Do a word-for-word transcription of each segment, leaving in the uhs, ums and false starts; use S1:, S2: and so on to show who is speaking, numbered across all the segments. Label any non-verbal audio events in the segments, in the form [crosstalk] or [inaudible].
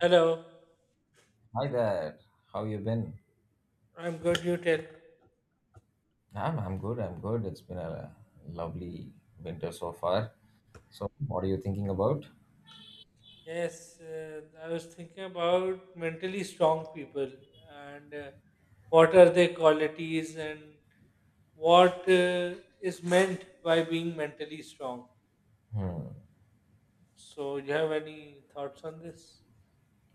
S1: Hello,
S2: Hi there. How you been?
S1: I'm good. You tell.
S2: I'm I'm good. I'm good. It's been a lovely winter so far. So, what are you thinking about?
S1: Yes, uh, I was thinking about mentally strong people and uh, what are their qualities and what uh, is meant by being mentally strong.
S2: Hmm.
S1: So, you have any thoughts on this?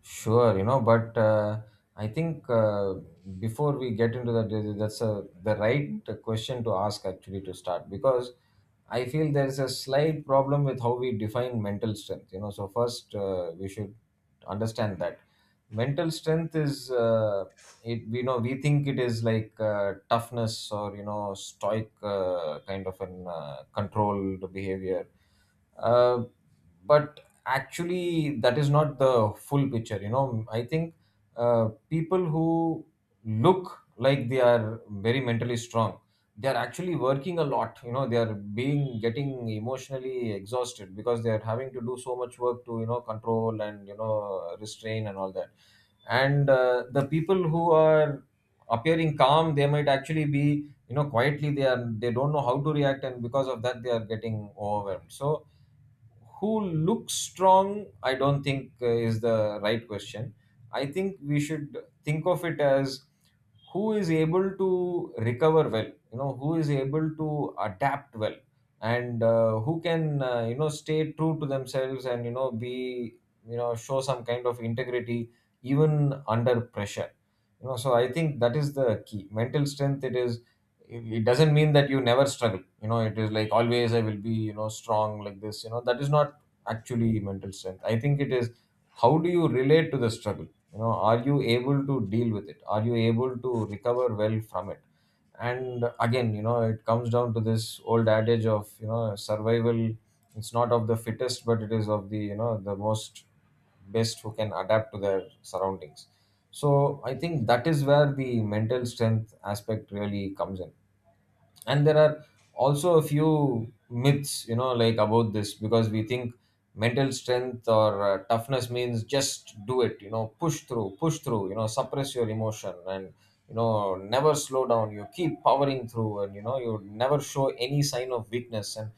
S2: Sure, you know, but uh, I think, uh, before we get into that, uh, that's a, the right question to ask, actually, to start, because I feel there's a slight problem with how we define mental strength. You know, so first, uh, we should understand that mental strength is uh, it. We know we think it is like uh, toughness, or you know stoic, uh, kind of an uh, controlled behavior, uh, but actually that is not the full picture. you know I think uh, people who look like they are very mentally strong, they are actually working a lot. You know they are being getting emotionally exhausted because they are having to do so much work to, you know control and, you know restrain, and all that. And uh, the people who are appearing calm, they might actually be, you know quietly they are, they don't know how to react, and because of that they are getting overwhelmed. So who looks strong, I don't think, uh, is the right question. I think we should think of it as who is able to recover well, you know who is able to adapt well. And uh, who can, uh, you know stay true to themselves, and you know be, you know show some kind of integrity even under pressure. You know so I think that is the key. Mental strength, it is, it it doesn't mean that you never struggle. You know it is like, always I will be you know strong like this. You know that is not actually mental strength. I think it is, how do you relate to the struggle? You know are you able to deal with it? Are you able to recover well from it? And again, you know it comes down to this old adage of you know survival. It's not of the fittest, but it is of the, you know the most best who can adapt to their surroundings. So I think that is where the mental strength aspect really comes in. And there are also a few myths, you know like, about this, because we think mental strength or uh, toughness means just do it. You know push through, push through. You know suppress your emotion, and you know never slow down, you keep powering through, and you know you never show any sign of weakness, and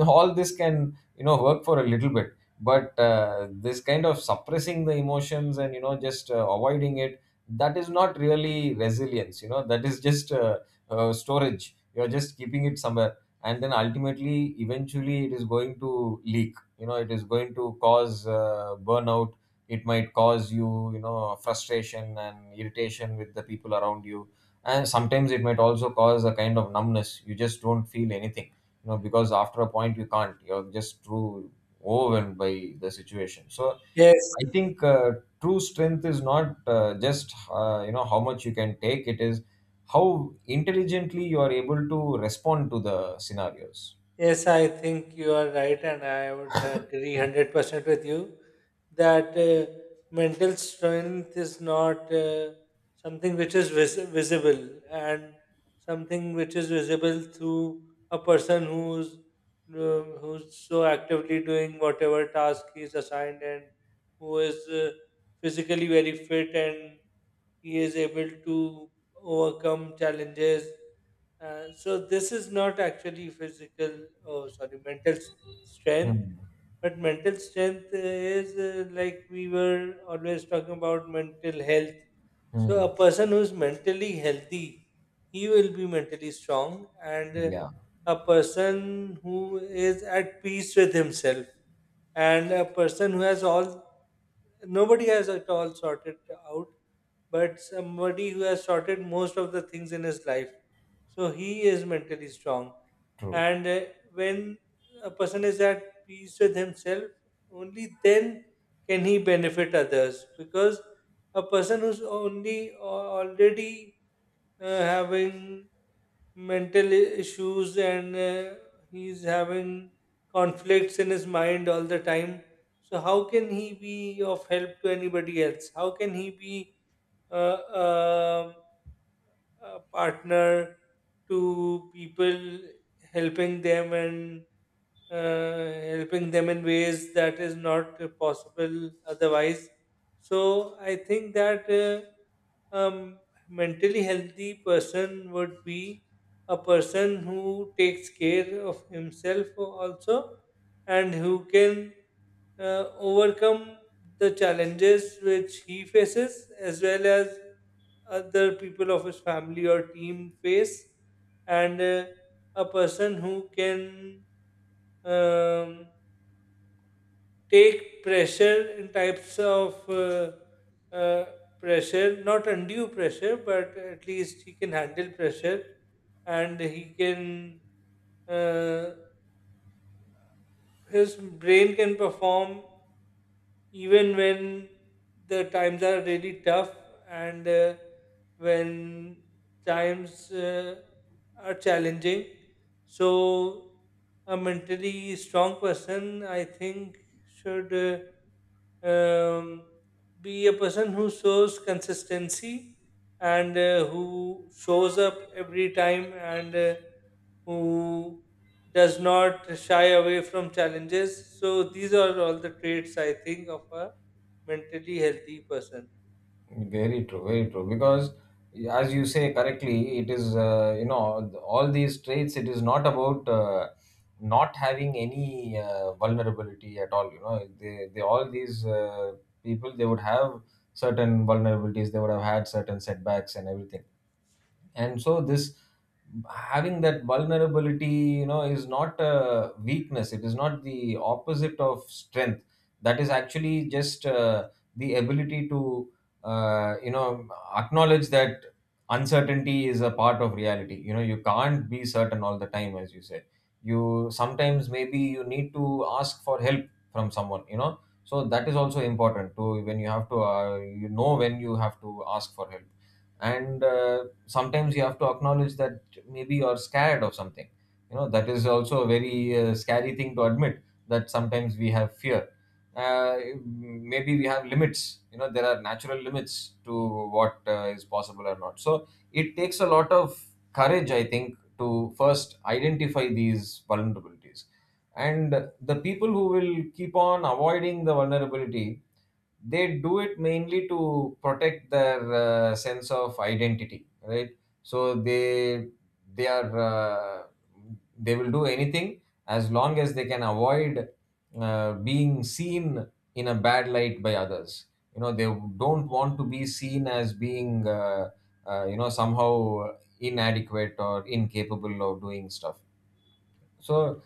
S2: [laughs] all this can you know work for a little bit. But uh, this kind of suppressing the emotions and you know just uh, avoiding it, that is not really resilience. You know that is just uh, uh, storage. You're just keeping it somewhere. And then ultimately, eventually, it is going to leak. You know it is going to cause uh, burnout. It might cause you you know frustration and irritation with the people around you. And sometimes it might also cause a kind of numbness, you just don't feel anything, you know because after a point you can't, you're just too overwhelmed by the situation. So
S1: Yes.
S2: I think uh, true strength is not uh, just uh, you know how much you can take; it is how intelligently you are able to respond to the scenarios.
S1: Yes, I think you are right, and I would agree one hundred percent with you that uh, mental strength is not uh, something which is vis- visible and something which is visible through a person who's uh, who's so actively doing whatever task he is assigned and who is uh, physically very fit and he is able to overcome challenges uh, so this is not actually physical, oh sorry, mental s- strength.
S2: Hmm.
S1: But mental strength is uh, like we were always talking about mental health.
S2: Hmm.
S1: So a person who's mentally healthy, he will be mentally strong, and uh,
S2: Yeah,
S1: a person who is at peace with himself, and a person who has all nobody has it all sorted out but somebody who has sorted most of the things in his life. So he is mentally strong.
S2: true.
S1: And uh, when a person is at peace with himself, only then can he benefit others. Because a person who's only uh, already uh, having mental i- issues and uh, he's having conflicts in his mind all the time. So, how can he be of help to anybody else? How can he be uh, uh, a partner to people, helping them and uh, helping them in ways that is not uh, possible otherwise. So I think that uh, um, mentally healthy person would be a person who takes care of himself also and who can uh, overcome the challenges which he faces as well as other people of his family or team face and uh, a person who can um, take pressure in types of uh, uh, pressure, not undue pressure, but at least he can handle pressure and he can, uh, his brain can perform even when the times are really tough and uh, when times uh, are challenging. So, a mentally strong person, I think, should uh, um, be a person who shows consistency and uh, who shows up every time and uh, who does not shy away from challenges. So these are all the traits I think of a mentally healthy person.
S2: Very true. Very true. Because, as you say correctly, it is, uh, you know all these traits. It is not about uh, not having any uh, vulnerability at all. You know, they, they, all these uh, people, they would have certain vulnerabilities. They would have had certain setbacks and everything. And so this, having that vulnerability, you know is not a weakness, it is not the opposite of strength. That is actually just uh, the ability to, uh, you know acknowledge that uncertainty is a part of reality. You know you can't be certain all the time, as you said. You, sometimes, maybe you need to ask for help from someone. You know so that is also important to, when you have to, uh, you know when you have to ask for help. And uh, sometimes you have to acknowledge that, maybe you're scared of something. You know that is also a very uh, scary thing to admit, that sometimes we have fear. uh, Maybe we have limits. You know there are natural limits to what uh, is possible or not. So it takes a lot of courage, I think, to first identify these vulnerabilities. And the people who will keep on avoiding the vulnerability, they do it mainly to protect their uh, sense of identity, right? So they they are, uh, they will do anything as long as they can avoid uh, being seen in a bad light by others. You know they don't want to be seen as being, uh, uh, you know somehow inadequate or incapable of doing stuff. So,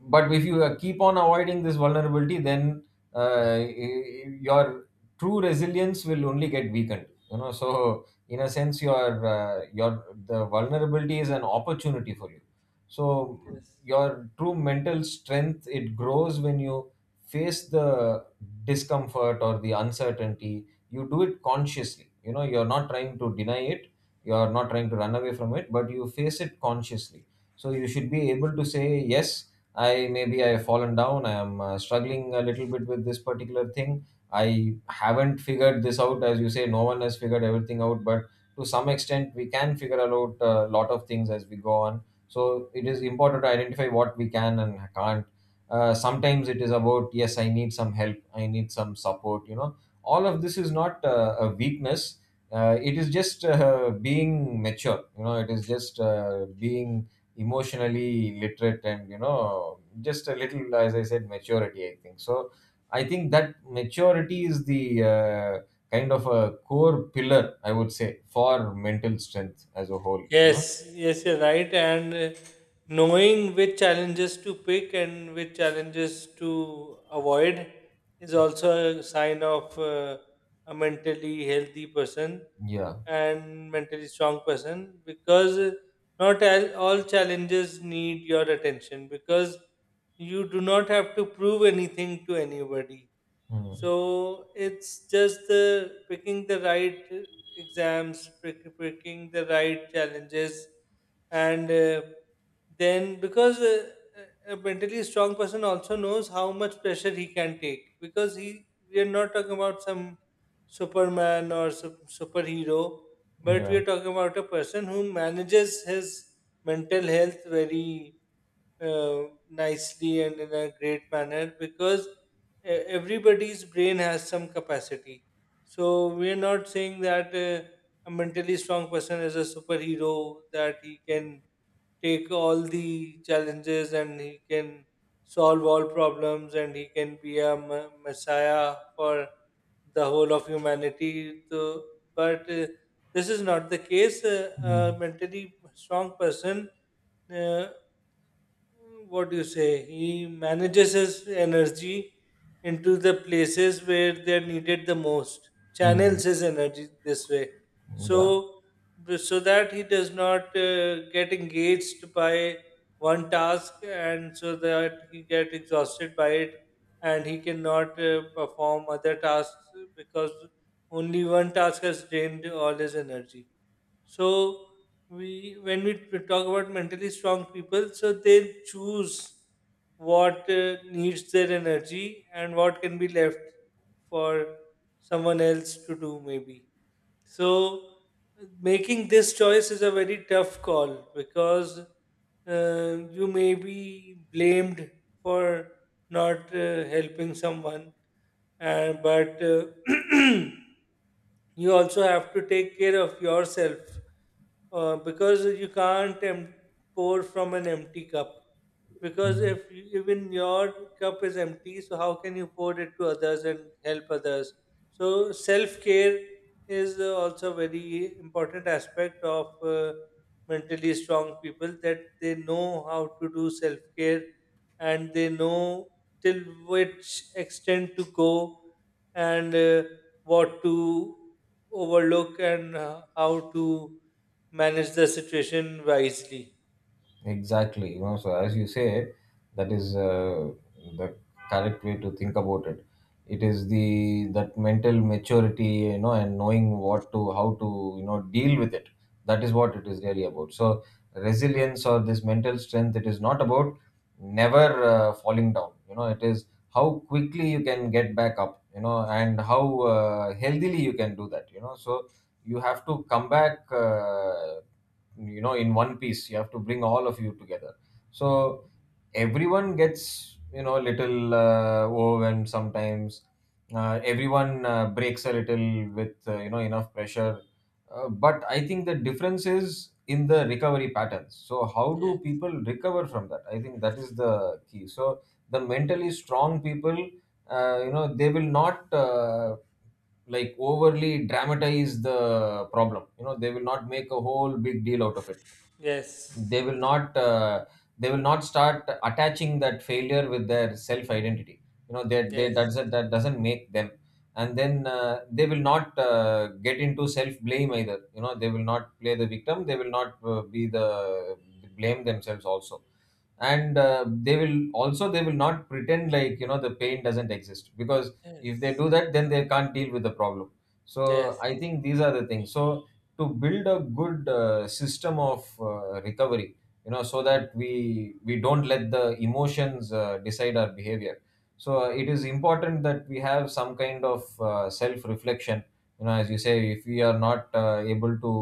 S2: but if you uh, keep on avoiding this vulnerability, then uh, y- your true resilience will only get weakened. You know so in a sense, your uh, your the vulnerability is an opportunity for you. So
S1: Yes.
S2: your true mental strength, it grows when you face the discomfort or the uncertainty. You do it consciously. You know you're not trying to deny it, you're not trying to run away from it, but you face it consciously. So you should be able to say, yes, I, maybe I have fallen down. I am uh, struggling a little bit with this particular thing. I haven't figured this out, as you say. No one has figured everything out, but to some extent, we can figure out a lot of things as we go on. So it is important to identify what we can and can't. Uh, sometimes it is about, yes, I need some help. I need some support. You know, all of this is not uh, a weakness. Uh, it is just uh, being mature. You know, it is just uh, being emotionally literate, and you know just a little, as I said, maturity, I think. So I think that maturity is the, uh, kind of a core pillar, I would say, for mental strength as a whole. You know
S1: Yes, yes, you're right. And uh, knowing which challenges to pick and which challenges to avoid is also a sign of uh, a mentally healthy person
S2: yeah.
S1: and mentally strong person because not all all challenges need your attention because you do not have to prove anything to anybody.
S2: Mm.
S1: So it's just the picking the right exams, pick- picking the right challenges, and uh, then because uh, a a mentally strong person also knows how much pressure he can take because he we are not talking about some Superman or sup- superhero, but we
S2: Yeah.
S1: are talking about a person who manages his mental health very uh, nicely and in a great manner because e- everybody's brain has some capacity. So we're not saying that uh, a mentally strong person is a superhero that he can take all the challenges and he can solve all problems and he can be a me- messiah for the whole of humanity. So, but uh, this is not the case.
S2: Mm.
S1: Uh, a mentally strong person, uh, what do you say? He manages his energy into the places where they're needed the most,
S2: Mm.
S1: channels his energy this way.
S2: Yeah.
S1: So, b- so that he does not uh, get engaged by one task and so that he get exhausted by it and he cannot uh, perform other tasks because only one task has drained all his energy so we when we t- talk about mentally strong people so they choose what uh, needs their energy and what can be left for someone else to do maybe so making this choice is a very tough call because uh, you may be blamed for not uh, helping someone, and but uh, [clears throat] you also have to take care of yourself uh, because you can't em- pour from an empty cup. Because
S2: Mm.
S1: if you, even your cup is empty, so how can you pour it to others and help others? So self care is uh, also a very important aspect of uh, mentally strong people that they know how to do self care and they know till which extent to go and uh, what to overlook and uh, how to manage the situation wisely.
S2: Exactly. You know, so as you say, that is uh, the correct way to think about it. It is the, that mental maturity, you know, and knowing what to, how to you know deal with it. That is what it is really about. So resilience, or this mental strength, it is not about never uh, falling down. You know, it is how quickly you can get back up. You know, and how uh, healthily you can do that. You know, so you have to come back. Uh, you know in one piece, you have to bring all of you together. So everyone gets you know a little uh, overwhelmed sometimes. Uh, everyone uh, breaks a little with, uh, you know enough pressure. Uh, but I think the difference is in the recovery patterns. So how do
S1: Yes,
S2: people recover from that? I think that is the key. So the mentally strong people, uh, you know they will not uh, like overly dramatize the problem. You know they will not make a whole big deal out of it.
S1: yes,
S2: They will not uh, they will not start attaching that failure with their self identity. you know they, they, that
S1: yes,
S2: doesn't, that doesn't make them. And then uh, they will not uh, get into self blame either. You know they will not play the victim, they will not, uh, be the, blame themselves also. And uh, they will also, they will not pretend like you know the pain doesn't exist, because if they
S1: yes,
S2: do that then they can't deal with the problem. So
S1: yes,
S2: I think these are the things. So to build a good uh, system of uh, recovery, you know so that we we don't let the emotions uh, decide our behavior. So uh, it is important that we have some kind of uh, self reflection. You know as you say, if we are not uh, able to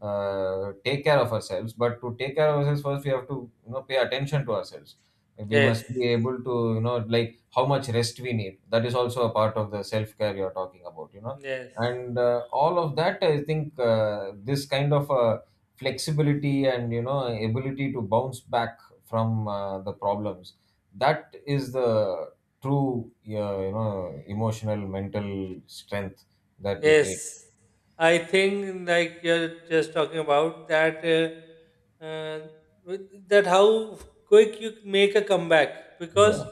S2: uh, take care of ourselves, but to take care of ourselves, first we have to you know pay attention to ourselves. We
S1: yes,
S2: must be able to, you know like, how much rest we need, that is also a part of the self care you're talking about. You know
S1: yes.
S2: and uh, all of that, I think, uh, this kind of, uh, flexibility and you know ability to bounce back from uh, the problems, that is the true, uh, you know emotional mental strength that we need.
S1: Yes, I think like you're just talking about that uh, uh, with- that how quick you make a comeback because
S2: Yeah.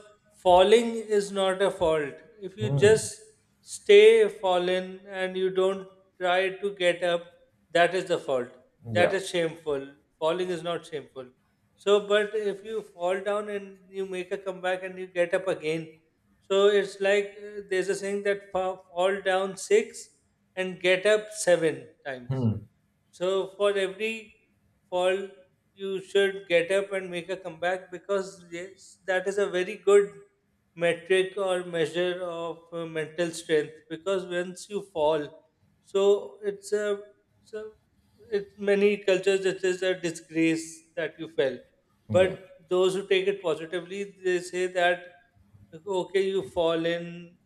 S1: falling is not a fault. If you
S2: Hmm.
S1: just stay fallen and you don't try to get up, that is the fault. That
S2: Yeah.
S1: is shameful. Falling is not shameful. So, but if you fall down and you make a comeback and you get up again, so it's like uh, there's a saying that fa- fall down six and get up seven times.
S2: Hmm.
S1: So for every fall, you should get up and make a comeback because yes, that is a very good metric or measure of uh, mental strength. Because once you fall, so it's a so it many cultures it is a disgrace that you fell.
S2: Yeah.
S1: But those who take it positively, they say that okay, you fall in.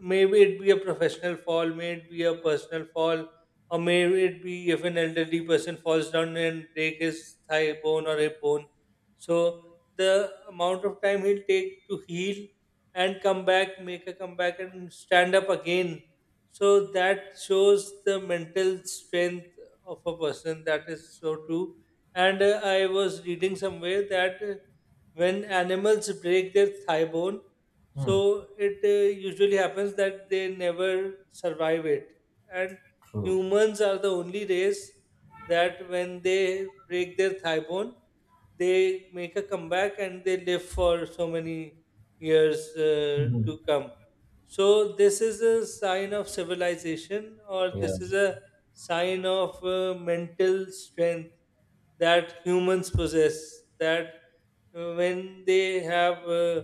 S1: Maybe it be a professional fall, may it be a personal fall, or may it be if an elderly person falls down and break his thigh bone or hip bone. So the amount of time he'll take to heal and come back, make a comeback and stand up again. So that shows the mental strength of a person. That is so true. And uh, I was reading somewhere that uh, when animals break their thigh bone,
S2: Hmm.
S1: so it uh, usually happens that they never survive it. And
S2: True.
S1: Humans are the only race that when they break their thigh bone, they make a comeback and they live for so many years uh,
S2: Mhm.
S1: to come. So, this is a sign of civilization, or
S2: Yeah.
S1: this is a sign of uh, mental strength that humans possess. That uh, when they have uh,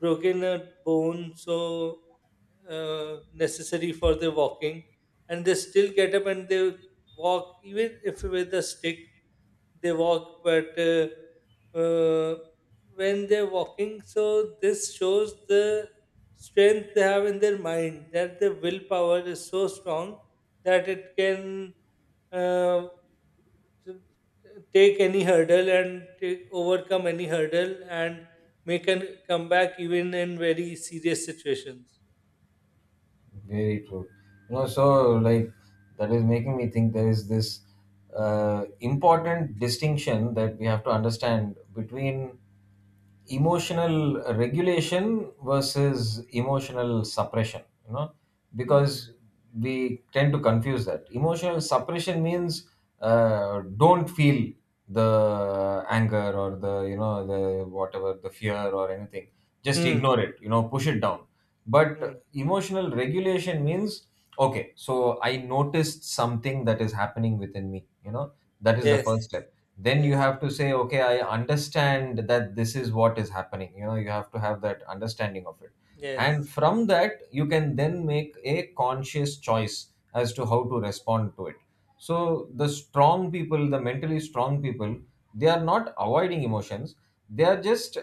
S1: broken a bone, so uh, necessary for their walking, and they still get up and they walk even if with a stick they walk but uh, uh, when they're walking so this shows the strength they have in their mind that their willpower is so strong that it can uh, t- take any hurdle and take, overcome any hurdle and make a comeback even in very serious situations.
S2: Very true. You know, so like that is making me think there is this uh, important distinction that we have to understand between emotional regulation versus emotional suppression, you know,
S1: Hmm.
S2: because we tend to confuse that emotional suppression means uh, don't feel the anger or the, you know, the whatever, the fear or anything, just ignore
S1: Hmm.
S2: it, you know, push it down.
S1: Hmm.
S2: But emotional regulation means okay, so I noticed something that is happening within me, you know, that is the
S1: Yes.
S2: first step. Then you
S1: Yes.
S2: have to say okay, I understand that this is what is happening, you know, you have to have that understanding of it. And
S1: Yes.
S2: from that you can then make a conscious choice as to how to respond to it. So the strong people, the mentally strong people, they are not avoiding emotions, they are just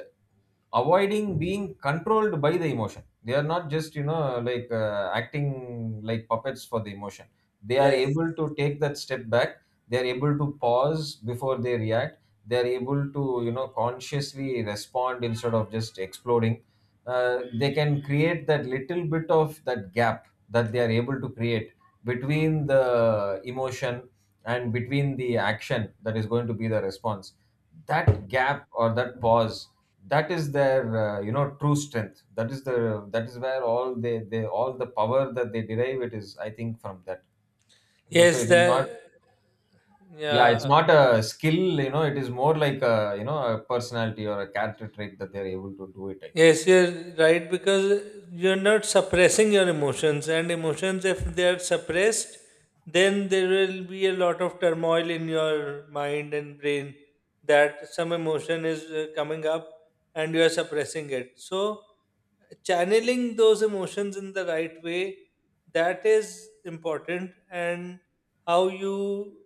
S2: avoiding being controlled by the emotion. They are not just, you know, like uh, acting like puppets for the emotion. They are
S1: Yes,
S2: able to take that step back, they are able to pause before they react, they are able to, you know, consciously respond instead of just exploding. Uh, they can create that little bit of that gap that they are able to create between the emotion and between the action that is going to be the response. That gap or that pause, that is their uh, you know, true strength. That is the that is where all they, they all the power that they derive, it is, I think, from that. No, so it
S1: yes,
S2: is not.
S1: the
S2: Yeah, it's
S1: yeah,
S2: not a skill. You know, it is more like a, you know, a personality or a character trait that they're able to do it, I think.
S1: Yes, you're right because you're not suppressing your emotions, and emotions, if they are suppressed, then there will be a lot of turmoil in your mind and brain that some emotion is uh, coming up and you are suppressing it. So, channeling those emotions in the right way that is important, and how you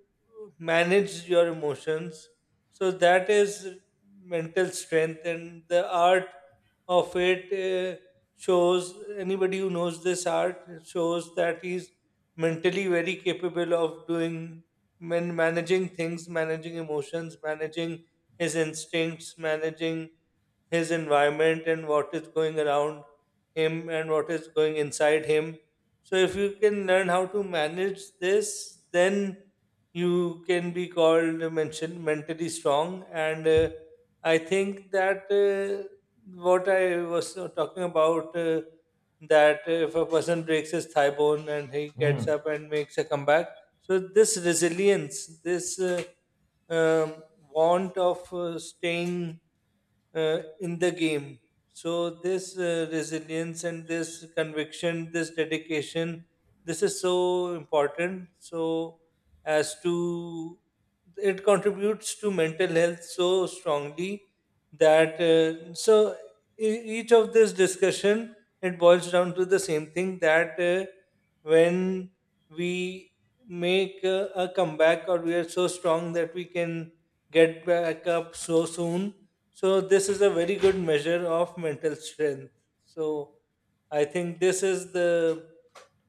S1: manage your emotions. So, that is mental strength and the art of it uh, shows anybody who knows this art shows that he's mentally very capable of doing man- managing things managing emotions managing his instincts managing his environment and what is going around him and what is going inside him. So if you can learn how to manage this, then you can be called uh, mention, mentally strong. And uh, I think that uh, what I was uh, talking about uh, that if a person breaks his thigh bone and he
S2: Hmm.
S1: gets up and makes a comeback, so this resilience, this uh, um want of uh, staying uh, in the game. So this uh, resilience and this conviction, this dedication, this is so important. So as to it contributes to mental health so strongly that uh, so e- each of this discussion it boils down to the same thing that uh, when we make a, a comeback or we are so strong that we can get back up so soon so this is a very good measure of mental strength. So I think this is the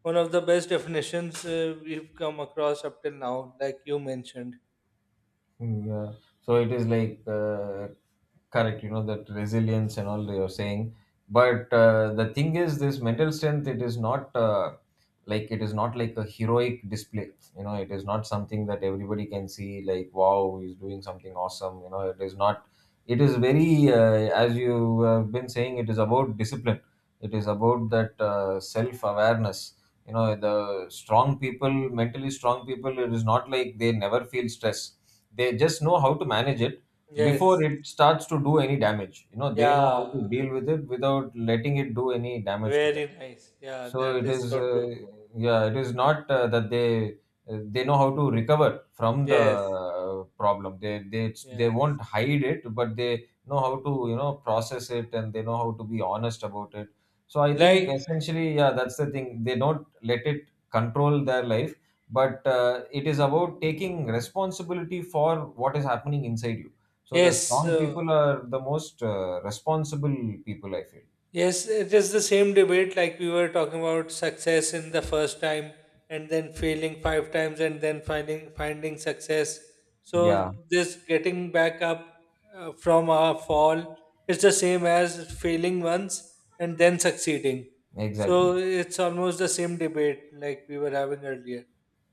S1: one of the best definitions uh, we've come across up till now, like you mentioned.
S2: Mm, yeah. So it is like, uh, correct, you know, that resilience and all you're saying. But uh, the thing is, this mental strength, it is not uh, like it is not like a heroic display. You know, it is not something that everybody can see. Like, wow, he's doing something awesome. You know, it is not. It is very, uh, as you have been saying, it is about discipline. It is about that uh, self awareness. You know, the strong people, mentally strong people, it is not like they never feel stress, they just know how to manage it before
S1: Yes.
S2: it starts to do any damage. You know, they know how to
S1: Yeah.
S2: deal with it without letting it do any damage to them.
S1: Very nice. Yeah,
S2: So
S1: that
S2: it
S1: is
S2: is
S1: so
S2: uh,
S1: true.
S2: yeah, it is not uh, that they uh, they know how to recover from the
S1: Yes.
S2: uh, problem. They they they
S1: Yes.
S2: won't hide it, but they know how to, you know, process it, and they know how to be honest about it. So I think
S1: Like
S2: essentially, yeah, that's the thing, they don't let it control their life. But uh, it is about taking responsibility for what is happening inside you. So the
S1: yes.
S2: strong
S1: Uh,
S2: people are the most uh, responsible people, I feel.
S1: Yes, it is the same debate like we were talking about success in the first time and then failing five times and then finding finding success.
S2: Yeah,
S1: So this getting back up uh, from a fall is the same as failing once and then succeeding. So
S2: exactly.
S1: it's almost the same debate like we were having earlier.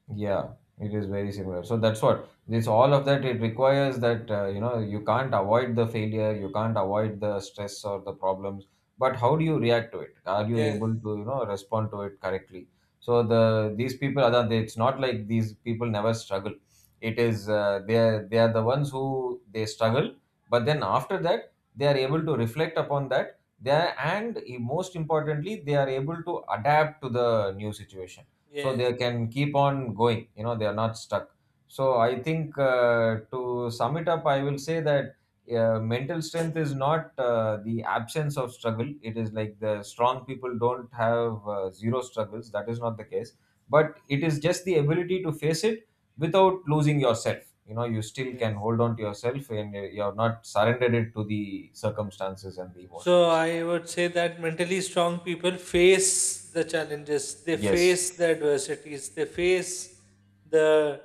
S2: Yeah, it is very similar. So that's what this, all of that, it requires that, uh, you know, you can't avoid the failure, you can't avoid the stress or the problems, but how do you react to it? Are you
S1: Yes,
S2: able to, you know, respond to it correctly? So the these people are the- it's not like these people never struggle. It is, uh, they are they are the ones who they struggle, but then after that they are able to reflect upon that. They are, and most importantly, they are able to adapt to the new situation, so
S1: yes,
S2: they can keep on going. You know, they are not stuck. So I think, uh, to sum it up, I will say that uh, mental strength is not uh, the absence of struggle. It is like the strong people don't have uh, zero struggles, that is not the case. But it is just the ability to face it without losing yourself. You know, you still can
S1: yes.
S2: hold on to yourself and you are not surrendered it to the circumstances and the
S1: So
S2: emotions.
S1: I would say that mentally strong people face the challenges, they
S2: Yes.
S1: face the adversities, they face the,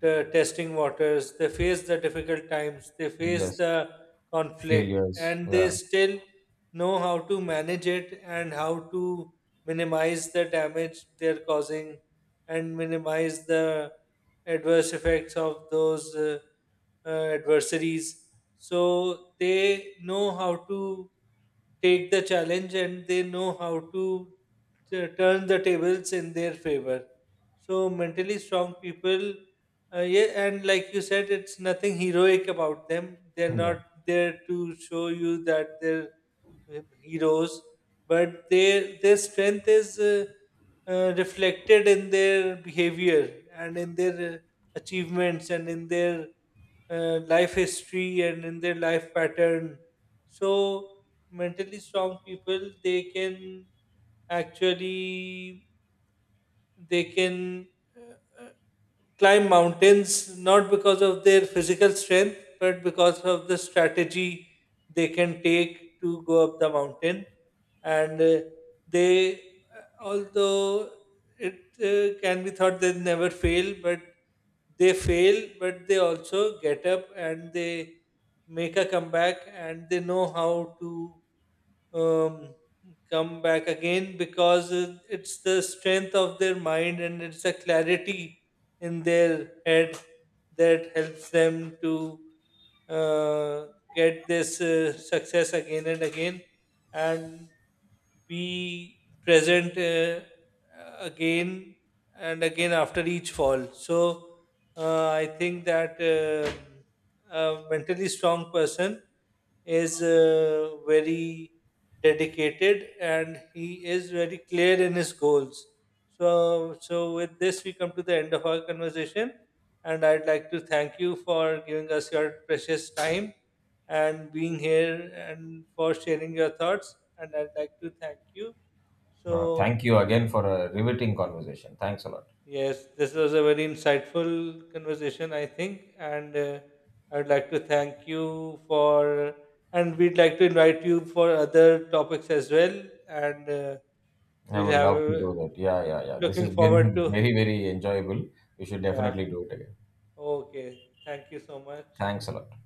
S1: the testing waters, they face the difficult times, they face
S2: Yes.
S1: the conflict,
S2: Failures.
S1: and they
S2: Yeah.
S1: still know how to manage it and how to minimize the damage they're causing and minimize the adverse effects of those uh, uh, adversaries. So they know how to take the challenge and they know how to t- turn the tables in their favor. So mentally strong people, uh, yeah, and like you said, it's nothing heroic about them. They're
S2: [laughs] Yeah.
S1: not there to show you that they're uh, heroes, but their their strength is. Uh, uh, reflected in their behavior and in their uh, achievements and in their uh, life history and in their life pattern. So, mentally strong people they can actually they can uh, climb mountains not because of their physical strength but because of the strategy they can take to go up the mountain and uh, they uh, although it uh, can be thought they never fail but they fail but they also get up and they make a comeback and they know how to um, come back again because uh, it's the strength of their mind and it's the clarity in their head that helps them to uh, get this uh, success again and again and be present uh, again and again after each fall. So uh, I think that um a mentally strong person is uh, very dedicated and he is very clear in his goals. So, so with this, we come to the end of our conversation, and I'd like to thank you for giving us your precious time and being here and for sharing your thoughts. And I'd like to thank you.
S2: Uh, thank
S1: So,
S2: you again for a riveting conversation. Thanks a lot.
S1: yes, this was a very insightful conversation, I think, and uh, I'd like to thank you for. And we'd like to invite you for other topics as well. And uh,
S2: I
S1: We'll
S2: would
S1: have
S2: love to
S1: uh,
S2: do that. Yeah, yeah, yeah. This
S1: looking
S2: has
S1: forward
S2: been [laughs]
S1: to
S2: very, very enjoyable. We should
S1: yeah.
S2: definitely do it again.
S1: Okay. Thank you so much.
S2: Thanks a lot.